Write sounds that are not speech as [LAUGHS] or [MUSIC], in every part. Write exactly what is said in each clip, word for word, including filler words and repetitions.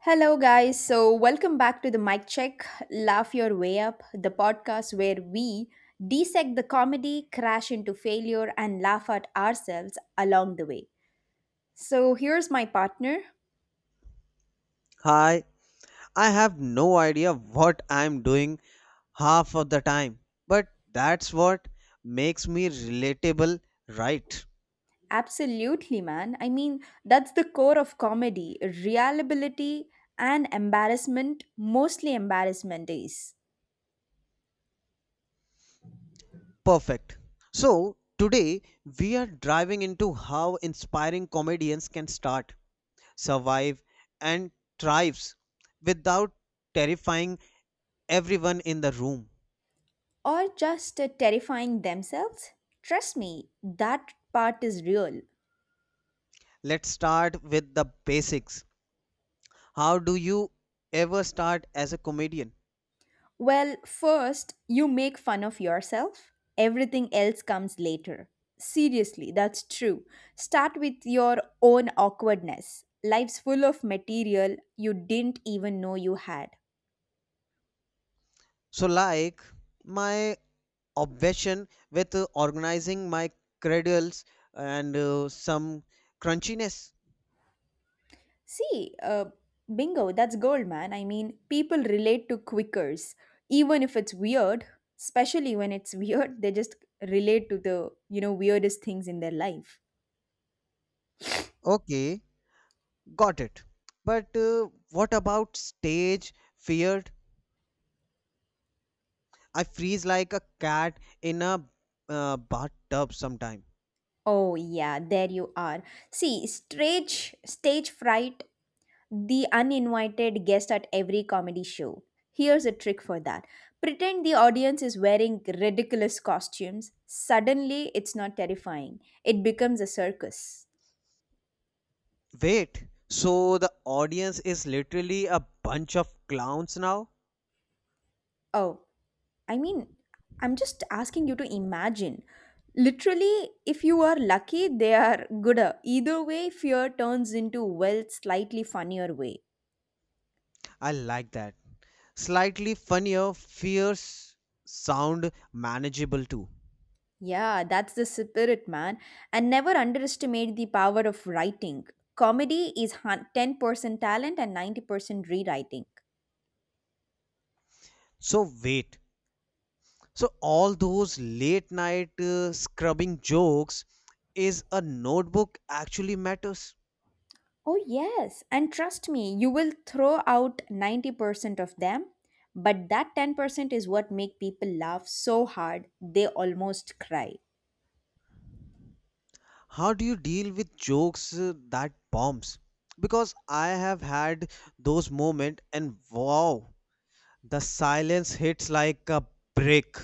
Hello, guys. So, welcome back to the Mic Check Laugh Your Way Up, the podcast where we dissect the comedy, crash into failure, and laugh at ourselves along the way. So, here's my partner. Hi, I have no idea what I'm doing half of the time, but that's what makes me relatable, right? Absolutely, man. I mean, that's the core of comedy reliability and embarrassment, mostly embarrassment is, Perfect. So, today we are driving into how inspiring comedians can start, survive, and thrives without terrifying everyone in the room. or just uh, terrifying themselves. Trust me, that part is real. Let's start with the basics. How do you ever start as a comedian? Well, first, you make fun of yourself. Everything else comes later. Seriously, that's true. Start with your own awkwardness. Life's full of material you didn't even know you had. So, like my obsession with uh, organizing my cradles and uh, some crunchiness. See, uh, bingo, that's gold, man. I mean, people relate to quickers, even if it's weird. Especially when it's [LAUGHS] weird, they just relate to the you know weirdest things in their life. Okay, got it. But uh, what about stage feared? I freeze like a cat in a uh, bathtub sometime. Oh yeah, there you are. See, stage stage fright, the uninvited guest at every comedy show. Here's a trick for that: pretend the audience is wearing ridiculous costumes. Suddenly, it's not terrifying, it becomes a circus. Wait, so the audience is literally a bunch of clowns now? Oh, I mean, I'm just asking you to imagine. Literally, if you are lucky, they are gooder. Either way, fear turns into, well, slightly funnier way. I like that. Slightly funnier, fierce sound manageable too. Yeah, that's the spirit, man. And never underestimate the power of writing. Comedy is hun- ten percent talent and ninety percent rewriting. So wait, so all those late night uh, scrubbing jokes is a notebook actually matters. Oh, yes. And trust me, you will throw out ninety percent of them, but that ten percent is what make people laugh so hard they almost cry. How do you deal with jokes uh, that bombs? Because I have had those moments and wow, the silence hits like a brick.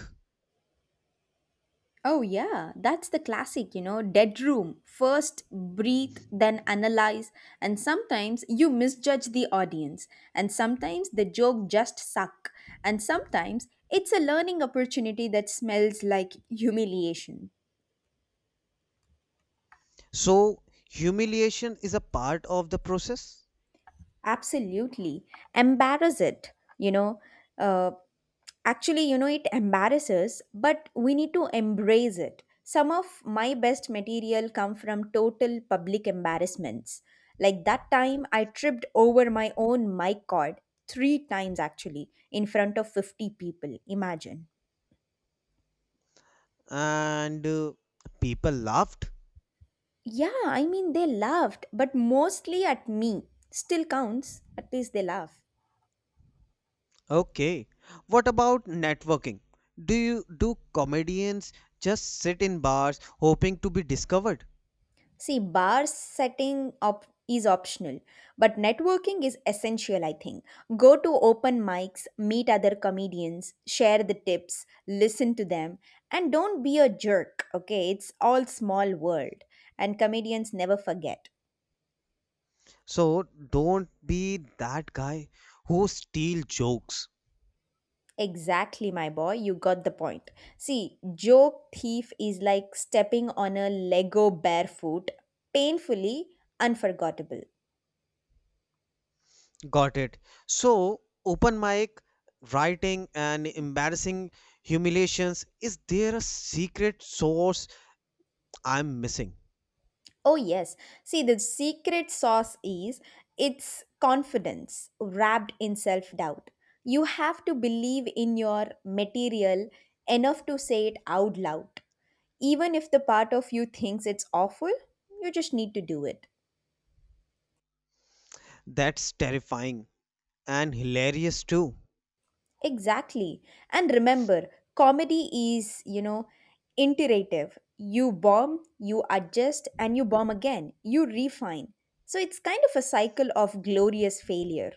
Oh, yeah, that's the classic, you know, dead room. First breathe, then analyze, and sometimes you misjudge the audience, and sometimes the joke just suck, and sometimes it's a learning opportunity that smells like humiliation. So humiliation is a part of the process. Absolutely. Embarrass it, you know. Uh, Actually, you know, it embarrasses, but we need to embrace it. Some of my best material come from total public embarrassments. Like that time I tripped over my own mic cord three times actually in front of fifty people. Imagine. And uh, people laughed. Yeah, I mean, they laughed, but mostly at me. Still counts. At least they laugh. Okay. What about networking? Do you do comedians just sit in bars hoping to be discovered? See, bar setting op- is optional, but networking is essential, I think. Go to open mics, meet other comedians, share the tips, listen to them, and don't be a jerk, okay? It's all small world, and comedians never forget. So don't be that guy who steal jokes. Exactly, my boy, you got the point. See, joke thief is like stepping on a Lego barefoot, painfully unforgettable. Got it. So open mic, writing and embarrassing humiliations. Is there a secret source I'm missing? Oh, yes. See, the secret sauce is it's confidence wrapped in self doubt. You have to believe in your material enough to say it out loud. Even if the part of you thinks it's awful, you just need to do it. That's terrifying and hilarious too. Exactly. And remember, comedy is, you know, iterative. You bomb, you adjust, and you bomb again. You refine. So it's kind of a cycle of glorious failure.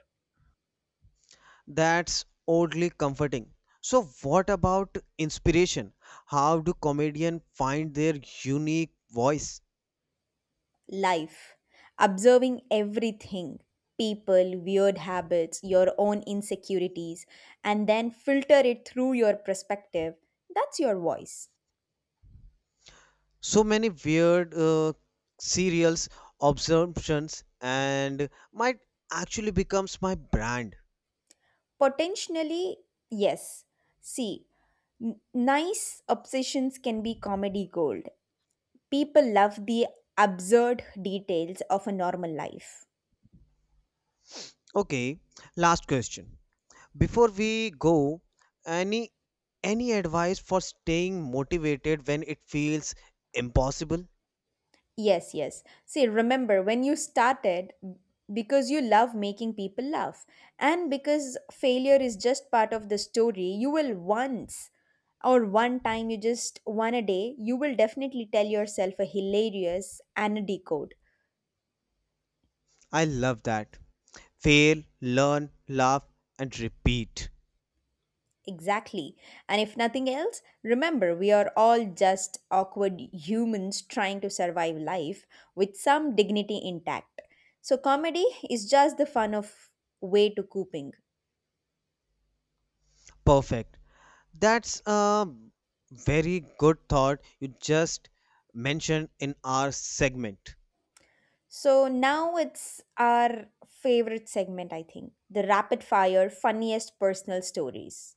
That's oddly comforting. So, what about inspiration? How do comedians find their unique voice? Life, observing everything people, weird habits, your own insecurities, and then filter it through your perspective. That's your voice. So many weird uh, serials, observations, and might actually becomes my brand. Potentially, yes. See, n- nice obsessions can be comedy gold. People love the absurd details of a normal life. Okay, last question. Before we go, any any advice for staying motivated when it feels impossible? Yes, yes. See, remember when you started because you love making people laugh and because failure is just part of the story, you will once or one time you just one a day, you will definitely tell yourself a hilarious and a decode. I love that. Fail, learn, laugh, and repeat. Exactly. And if nothing else, remember we are all just awkward humans trying to survive life with some dignity intact. So comedy is just the fun of way to coping. Perfect. That's a very good thought you just mentioned in our segment. So now it's our favorite segment, I think, the rapid fire funniest personal stories.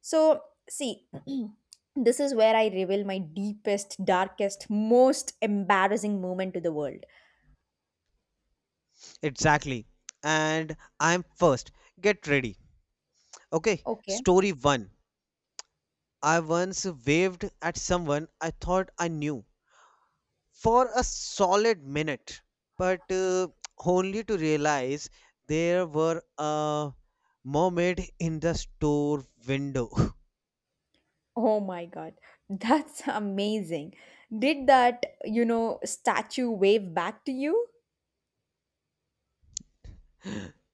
So, see, [CLEARS THROAT] this is where I reveal my deepest, darkest, most embarrassing moment to the world. Exactly. And I'm first. Get ready. Okay. Okay. Story one. I once waved at someone I thought I knew for a solid minute, but uh, only to realize there were a mermaid in the store window. [LAUGHS] Oh my God. That's [LAUGHS] amazing. Did that, you know, statue wave back to you?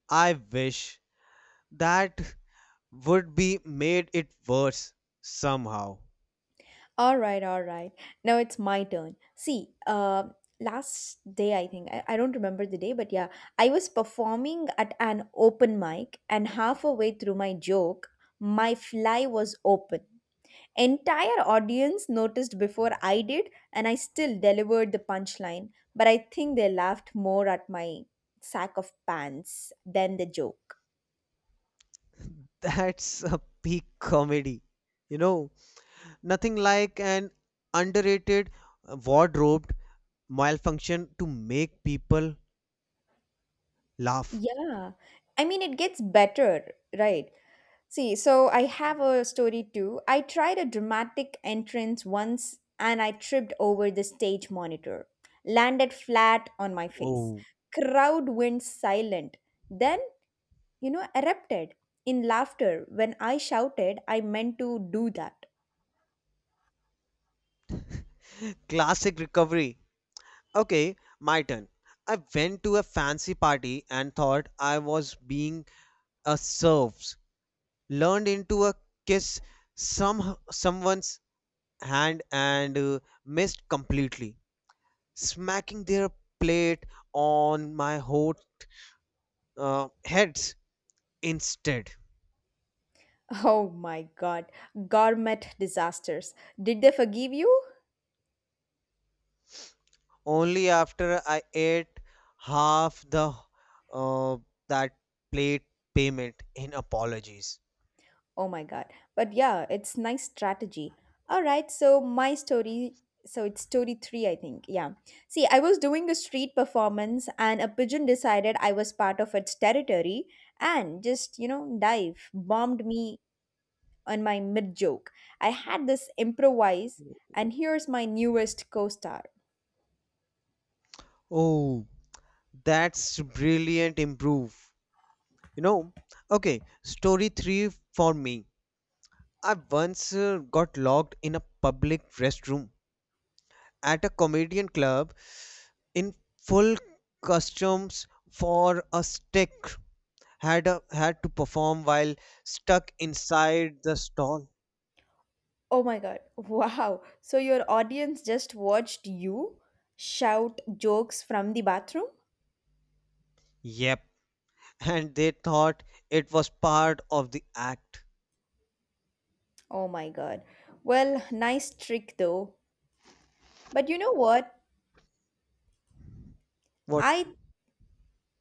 I wish that would be made it worse somehow. All right, all right. Now it's my turn. See, uh, last day, I think, I, I don't remember the day, but yeah, I was performing at an open mic, and halfway through my joke, my fly was open. Entire audience noticed before I did, and I still delivered the punchline, but I think they laughed more at my sack of pants than the joke. [LAUGHS] That's a peak comedy. You know, nothing like an underrated uh, wardrobed malfunction to make people laugh. Yeah. I mean, it gets better, right? See, so I have a story too. I tried a dramatic entrance once and I tripped over the stage monitor, landed flat on my face. Oh, Crowd went silent. Then, you know, erupted in laughter when I shouted I meant to do that. classic recovery. Okay, my turn. I went to a fancy party and thought I was being a serves. Learned into a kiss some someone's hand and uh, missed completely. Smacking their plate on my hot uh, heads instead. [LAUGHS] Oh my god, gourmet disasters. Did they forgive you? Only after I ate half the uh, that plate payment in apologies. Oh my god. But yeah, it's nice strategy. All right, so my story, so it's story three, I think. Yeah. See, I was doing a street performance and a pigeon decided I was part of its territory and just, you know, dive bombed me on my mid joke. I had this improvise and here's my newest co-star. Oh, that's brilliant improve. You know, okay, story three for me. I once uh, got locked in a public restroom at a comedian club in full costumes for a stick had a, had to perform while stuck inside the stall. Oh my god. [LAUGHS] Wow. So your audience just watched you shout jokes from the bathroom? Yep. [LAUGHS] And they thought it was part of the act. Oh my God. Well, nice trick though. But you know what? What? I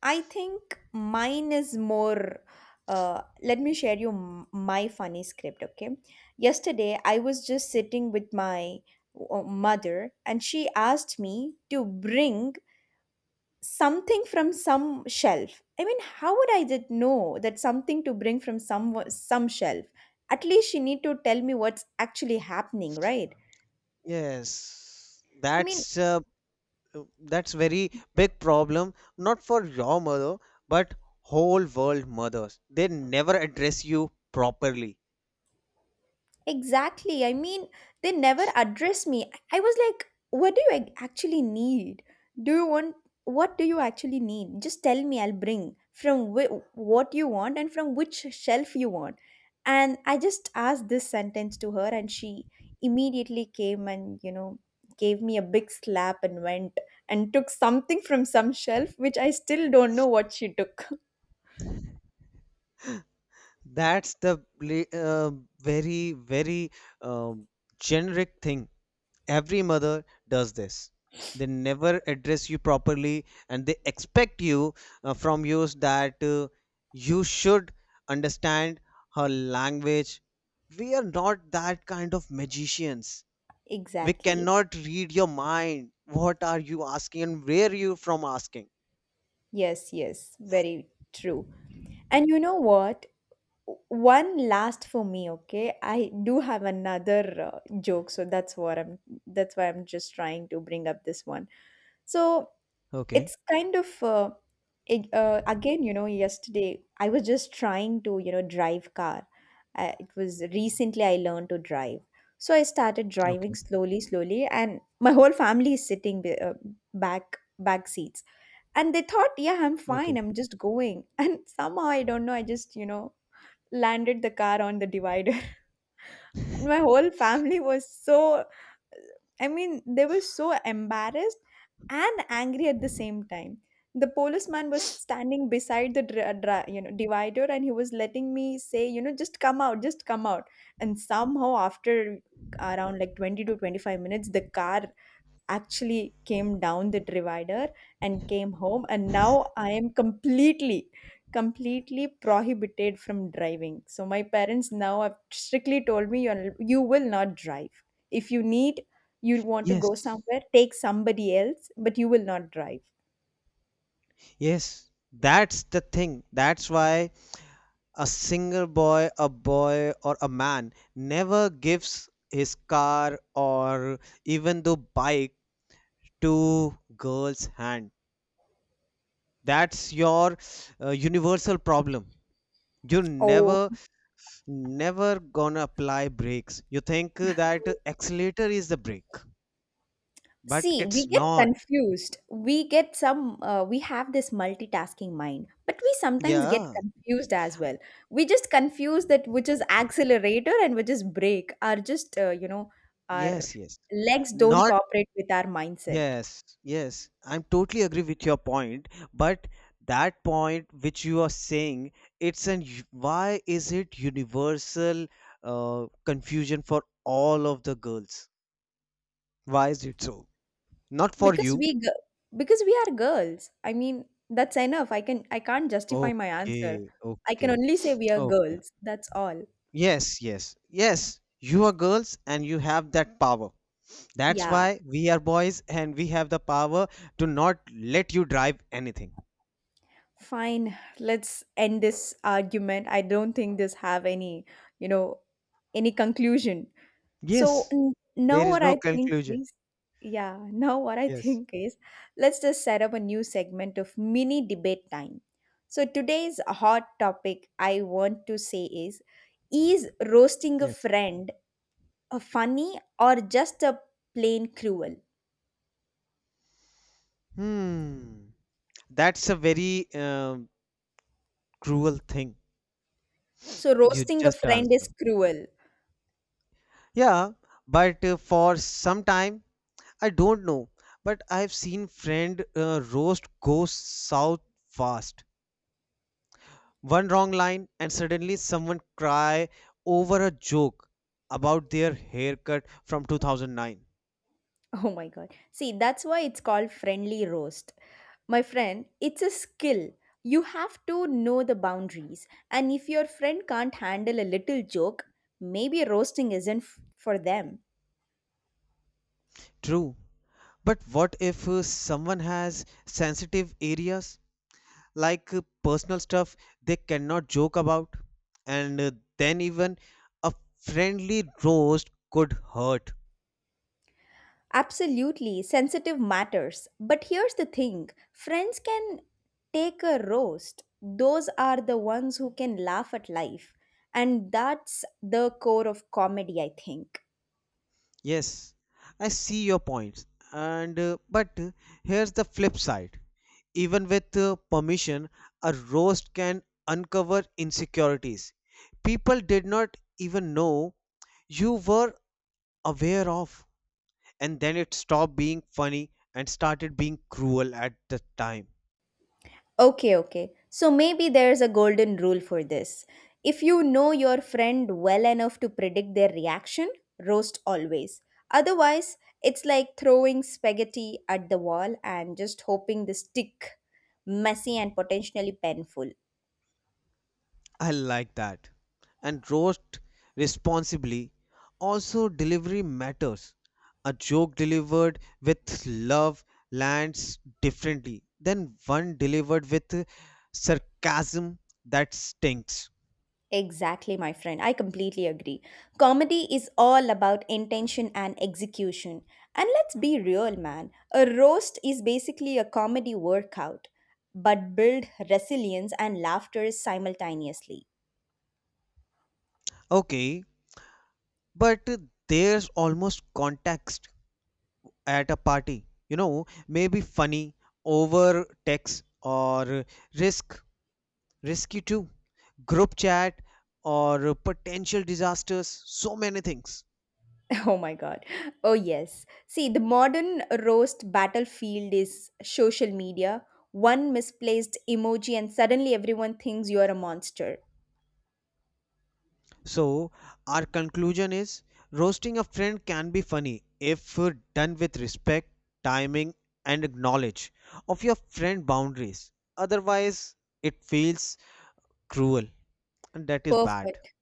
I think mine is more uh let me share you m- my funny script, okay? Yesterday I was just sitting with my uh, mother and she asked me to bring something from some shelf. I mean, how would I did know that something to bring from some some shelf? At least she need to tell me what's actually happening, right? Yes. I mean, That's uh, that's very big problem not for your mother but whole world mothers. They never address you properly. exactly. I mean, they never address me. I I was like, what do you ac- actually need? Do you want, what do you actually need? Just tell me, I'll bring from whi- what you want and from which shelf you want. And I just asked this sentence to her, and she immediately came and, you know, gave me a big slap and went and took something from some shelf, which I still don't know what she took. [LAUGHS] That's the bla- uh, very very um generic thing every mother does this. They never address you properly, and they expect you uh, from you that uh, you should understand her language. We are not that kind of magicians. We Exactly. cannot read your mind. What are you asking, and where are you from asking? Yes, yes. Very true. And you know what? One last for me, okay. I do have another uh, joke, so that's what I'm that's why I'm just trying to bring up this one. So Okay, it's kind of uh, ag- uh, again, you know, yesterday I was just trying to, you know, drive car. Uh, it was recently I learned to drive, so I started driving okay, slowly slowly and my whole family is sitting be- uh, back back seats, and they thought yeah I'm okay. fine I'm just going [LAUGHS] and somehow I don't know I just, you know, landed the car on the divider. [LAUGHS] And my whole family was so, I mean, they were so embarrassed and angry at the same time. The policeman was standing beside the dri- dri- you know divider, and he was letting me say, you know, just come out, just come out. And somehow, after around like twenty to twenty five minutes, the car actually came down the divider and came home, and now I am completely completely prohibited from driving. So my parents now have strictly told me you you will not drive. If you need, you want to go Yes, somewhere, take somebody else, but you will not drive. yes, that's the thing. That's why a single boy, a boy, or a man never gives his car or even the bike to girl's hand. That's your uh, universal problem. You're Oh. never, never gonna apply brakes. You think that accelerator is the brake, but See, it's we get not. confused. We get some, uh, we have this multitasking mind, but we sometimes get Yeah. confused as well. We just confuse that which is accelerator and which is brake are just, uh, you know, our Yes. Yes. legs don't Not cooperate with our mindset, Yes, yes, I'm totally agree with your point, but that point which you are saying, it's an u- why is it universal uh, confusion for all of the girls? Why is it so? Not for because you. we, g- because we are girls. I mean, that's enough. I can, I can't justify my answer. Okay, I can okay, only say we [SNIFFS] are okay. girls. That's all. Yes, yes, yes. You are girls and you have that power. That's Yeah. why we are boys and we have the power to not let you drive anything. Fine, let's end this argument. I don't think this have any, you know, any conclusion. So Yes, n- there now is what no I think conclusion. is, yeah, now what I Yes, think is, let's just set up a new segment of mini debate time. So today's hot topic I want to say is, is roasting a yes. friend a funny or just a plain cruel? Hmm. That's a very um, cruel thing So you roasting a just friend is answered. cruel. Yeah, but uh, for some time, I don't know. But I've seen friend uh, roast goes south fast. One wrong line, and suddenly someone cry over a joke about their haircut from two thousand nine. [LAUGHS] Oh my god. See, that's why it's called friendly roast. My friend, it's a skill. You have to know the boundaries. And if your friend can't handle a little joke, maybe roasting isn't f- for them. True, but what if uh, someone has sensitive areas? Like uh, personal stuff they cannot joke about, and uh, then even a friendly roast could hurt. Absolutely, sensitive matters. But here's the thing: friends can take a roast. Those are the ones who can laugh at life. And that's the core of comedy, I think. Yes, I see your points, and uh, but uh, here's the flip side. Even with uh, permission, a roast can uncover insecurities people did not even know you were aware of, and then it stopped being funny and started being cruel at the time. Okay, okay. So maybe there's a golden rule for this. If you know your friend well enough to predict their reaction, roast always. Otherwise, it's like throwing spaghetti at the wall and just hoping the stick, messy and potentially painful. I like that. And roast responsibly. Also, delivery matters. A joke delivered with love lands differently than one delivered with sarcasm that stinks. Exactly, my friend. I completely agree. Comedy is all about intention and execution. And let's be real, man. A roast is basically a comedy workout, but build resilience and laughter simultaneously. Okay, but there's almost context at a party. You know, maybe funny over text or risk Risky too. Group chat or potential disasters, so many things. [LAUGHS] Oh my god. Oh, yes. See, the modern roast battlefield is social media. One misplaced emoji, and suddenly everyone thinks you're a monster. So, our conclusion is roasting a friend can be funny if done with respect, timing, and knowledge of your friend boundaries. Otherwise, it feels cruel, and that is bad. Perfect.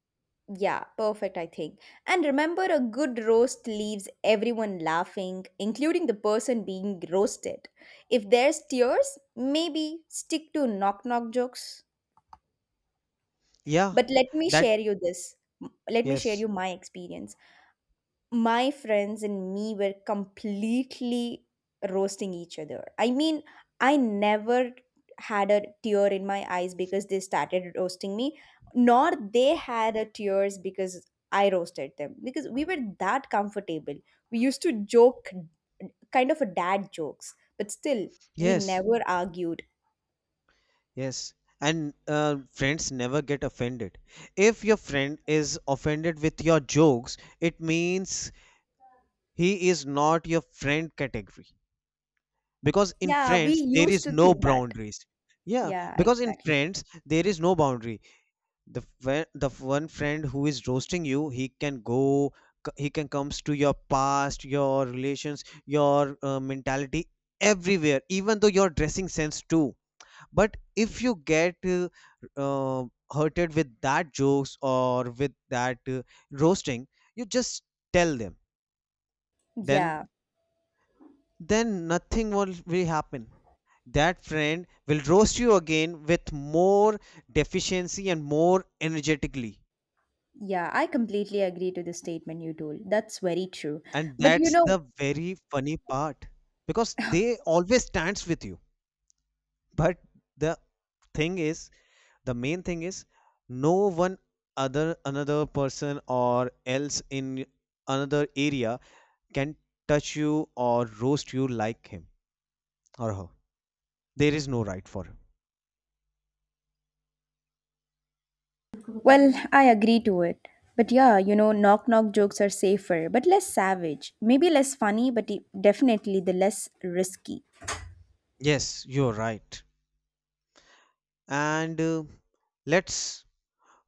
Yeah, perfect, I think. And remember, a good roast leaves everyone laughing, including the person being roasted. If there's tears, maybe stick to knock knock jokes. Yeah, But let me that, share you this. Let me share yes, you my experience, my friends and me were completely roasting each other. I mean, I never had a tear in my eyes because they started roasting me, nor they had a tears because I roasted them because we were that comfortable. We used to joke kind of a dad jokes, but still we yes, never argued. yes. And uh, friends never get offended. If your friend is offended with your jokes, it means he is not your friend category, because in Yeah, we friends there used is to no think that. boundaries. Yeah, Yeah, because in exactly. friends there is no boundary. The fri- the one friend who is roasting you, he can go. C- he can comes to your past, your relations, your uh, mentality, everywhere, even though your dressing sense too. But if you get uh, uh, hurted with that jokes or with that uh, roasting, you just tell them. Then Yeah, then nothing will, will happen. That friend will roast you again with more deficiency and more energetically. yeah, I completely agree to the statement you told. That's very true. And But you that's know, the very funny part because they always stands with you. But the thing is, the main thing is, no one other another person or else in another area can touch you or roast you like him or her. There is no right for him. well, I agree to it. But yeah, you know, knock knock jokes are safer, but less savage. Maybe less funny, but de- definitely the less risky. Yes, you're right. and uh, let's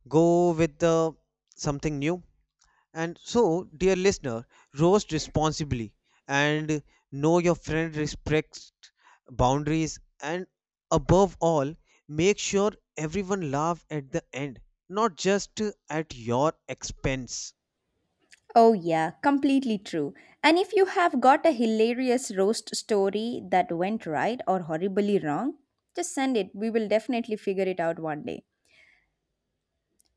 go with the something new. And so, dear listener, roast responsibly, and know your friend respects boundaries, and above all, make sure everyone laugh at the end, not just uh, at your expense. Oh, yeah, completely true. And if you have got a hilarious roast story that went right or horribly wrong, just send it. We will definitely figure it out one day.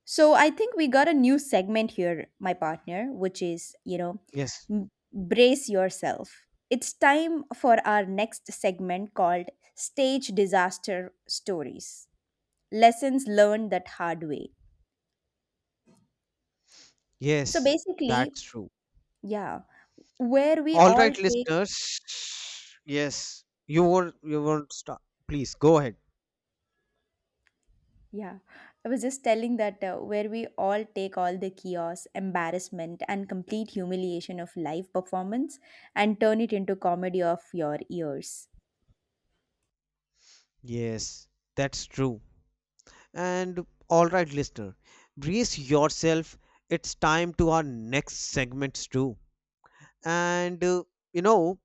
So I think we got a new segment here, my partner, which is, you know, Yes, m- brace yourself. It's time for our next segment called Stage Disaster Stories, Lessons Learned That Hard Way. So yes, basically, that's true. yeah, where we All all right, take, listeners. Yes, you were you were start. Please go ahead. yeah, I was just telling that uh, where we all take all the chaos, embarrassment, and complete humiliation of live performance and turn it into comedy of your ears. Yes, that's true. And all right, listener, brace yourself. It's time to our next segments too. And uh, you know,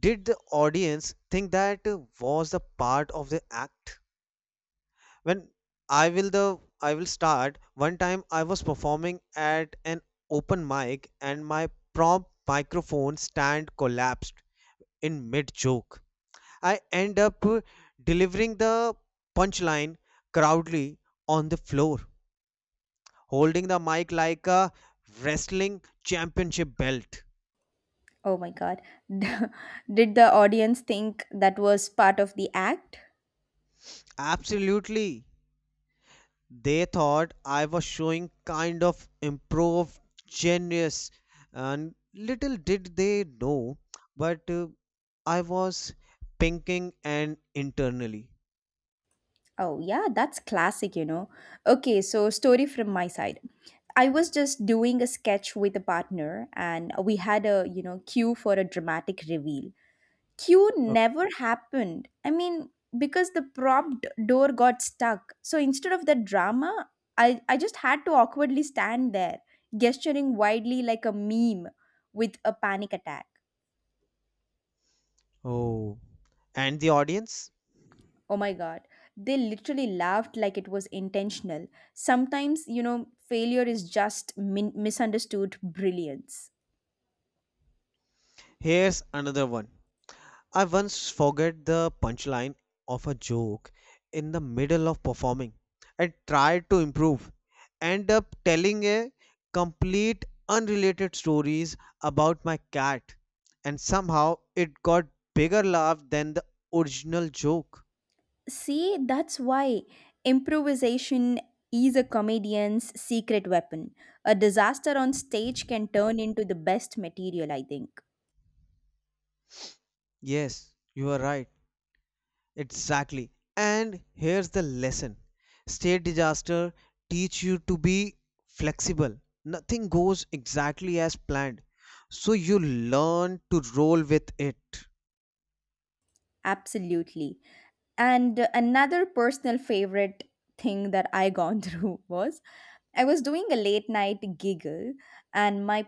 did the audience think that uh, was the part of the act? When I will the I will start. One time I was performing at an open mic and my prompt microphone stand collapsed in mid joke. I end up uh, delivering the punchline proudly on the floor holding the mic like a wrestling championship belt. Oh my god. [LAUGHS] Did the audience think that was part of the act? Absolutely. They thought I was showing kind of improv genius, and little did they know, but uh, I was pinking and internally. Oh, yeah, that's classic, you know. Okay, so story from my side. I was just doing a sketch with a partner and we had a, you know, cue for a dramatic reveal. Cue Okay. never happened. I mean, because the prop d- door got stuck. So instead of the drama, I, I just had to awkwardly stand there, gesturing widely like a meme with a panic attack. Oh, and the audience? Oh my God. They literally laughed like it was intentional. Sometimes, you know, failure is just min- misunderstood brilliance. Here's another one. I once forgot the punchline of a joke in the middle of performing. I tried to improve. End up telling a complete unrelated stories about my cat, and somehow it got bigger laugh than the original joke. See, that's why improvisation is a comedian's secret weapon. A disaster on stage can turn into the best material, I think. Yes, you are right. Exactly. And here's the lesson. State disaster teach you to be flexible. Nothing goes exactly as planned. So you learn to roll with it. Absolutely. And uh, another personal favorite thing that I gone [LAUGHS] through was I was doing a late night giggle and my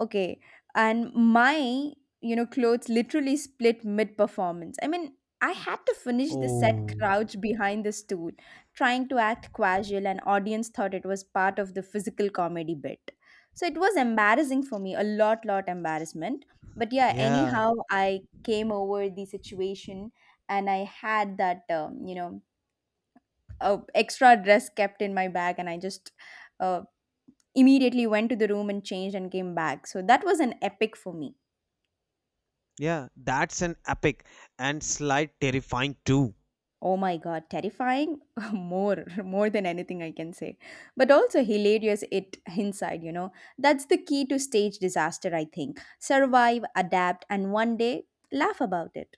Okay, and my, you know, clothes literally split mid-performance. I mean, I had to finish the set Oh, crouched behind the stool, trying to act casual, and audience thought it was part of the physical comedy bit. So it was embarrassing for me, a lot, lot embarrassment. But yeah, yeah, anyhow, I came over the situation, and I had that, um, you know, uh, extra dress kept in my bag, and I just uh, immediately went to the room and changed and came back. So that was an epic for me. yeah, that's an epic and slight terrifying too. Oh my god, terrifying [LAUGHS] more more than anything I can say. But also hilarious it inside, you know. That's the key to stage disaster, I think. Survive, adapt and one day laugh about it.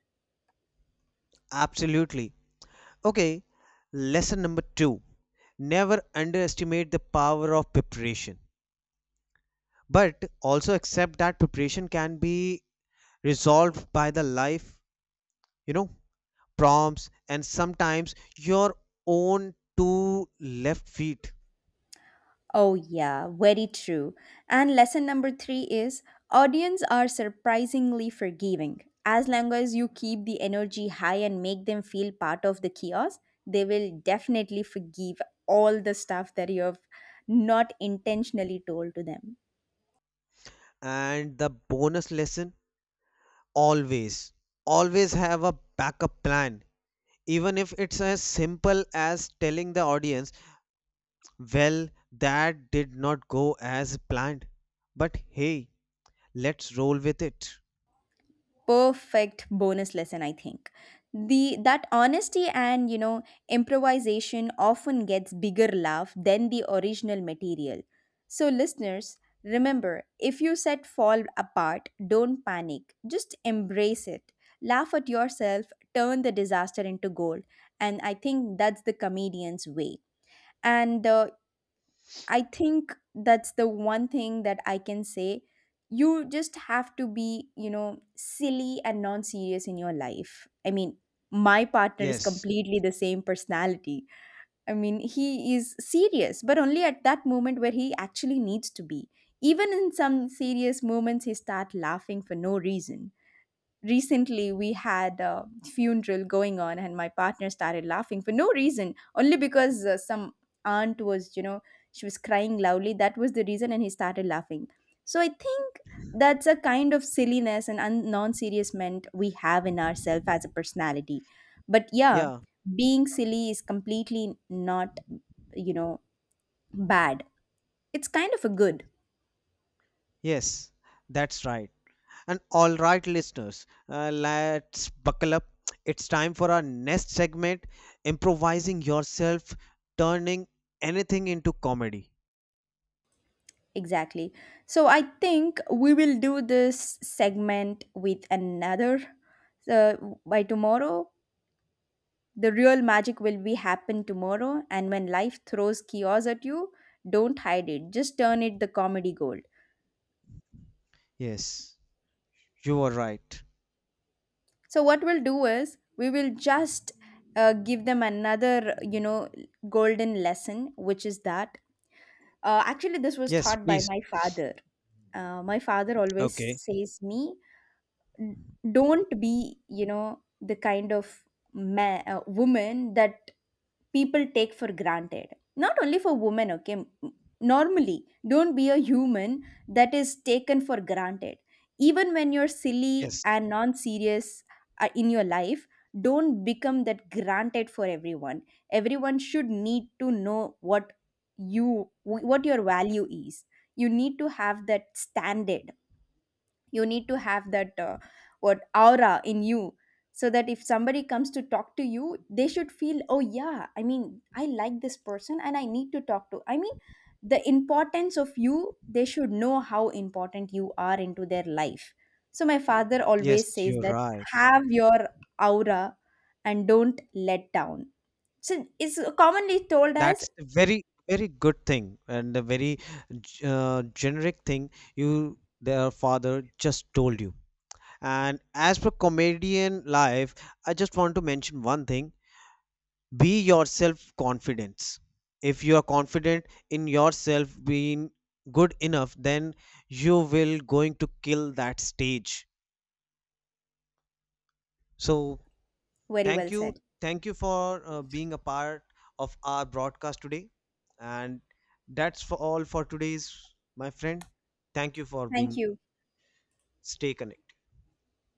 Absolutely. Okay, lesson number two. Never underestimate the power of preparation, but also accept that preparation can be resolved by the life, you know prompts, and sometimes your own two left feet. Oh, yeah, very true. And lesson number three is audience are surprisingly forgiving. As long as you keep the energy high and make them feel part of the chaos, they will definitely forgive all the stuff that you have not intentionally told to them. And the bonus lesson: always, always have a backup plan, even if it's as simple as telling the audience, well, that did not go as planned, but hey, let's roll with it. Perfect bonus lesson, I think, the that honesty and, you know, improvisation often gets bigger laugh than the original material. So listeners, remember, if you said fall apart, don't panic, just embrace it, laugh at yourself, turn the disaster into gold, and I think that's the comedian's way. And uh, I think that's the one thing that I can say. You just have to be, you know, silly and non serious in your life. I mean, my partner is Yes, completely the same personality. I mean, he is serious, but only at that moment where he actually needs to be. Even in some serious moments, he start laughing for no reason. Recently we had a funeral going on and my partner started laughing for no reason, only because uh, some aunt was, you know, she was crying loudly, that was the reason, and he started laughing. So I think that's a kind of silliness and un- non-serious meant we have in ourselves as a personality. But yeah, yeah, being silly is completely not, you know, bad, it's kind of a good. yes. That's right. And all right, listeners, uh, let's buckle up. It's time for our next segment improvising yourself, turning anything into comedy. Exactly. So I think we will do this segment with another. So by tomorrow, the real magic will be happen tomorrow. And when life throws chaos at you, don't hide it. Just turn it the comedy gold. Yes, you are right. So what we'll do is we will just uh, give them another, you know, golden lesson, which is that uh, actually this was Yes, taught by please. my father. Uh, my father always Okay. says me n- don't be, you know, the kind of ma- uh, woman that people take for granted, not only for women, okay. M- normally don't be a human that is taken for granted. Even when you're silly Yes, and non-serious, uh, in your life don't become that granted for everyone. Everyone should need to know what you, what your value is. You need to have that standard. You need to have that uh, what aura in you, so that if somebody comes to talk to you they should feel, oh yeah, i mean I like this person and I need to talk to. i mean the importance of you, they should know how important you are into their life. So my father yes, always says you're that, right. have your aura and don't let down. So it's commonly told as, That's a very, very good thing and a very g- uh, generic thing you, their father, just told you. And as per comedian life, I just want to mention one thing: be yourself confidence. If you are confident in yourself being good enough, then you will going to kill that stage. So very thank well you said. thank you for uh, being a part of our broadcast today, and that's for all for today's my friend. Thank you for Thank being. you. Stay connected.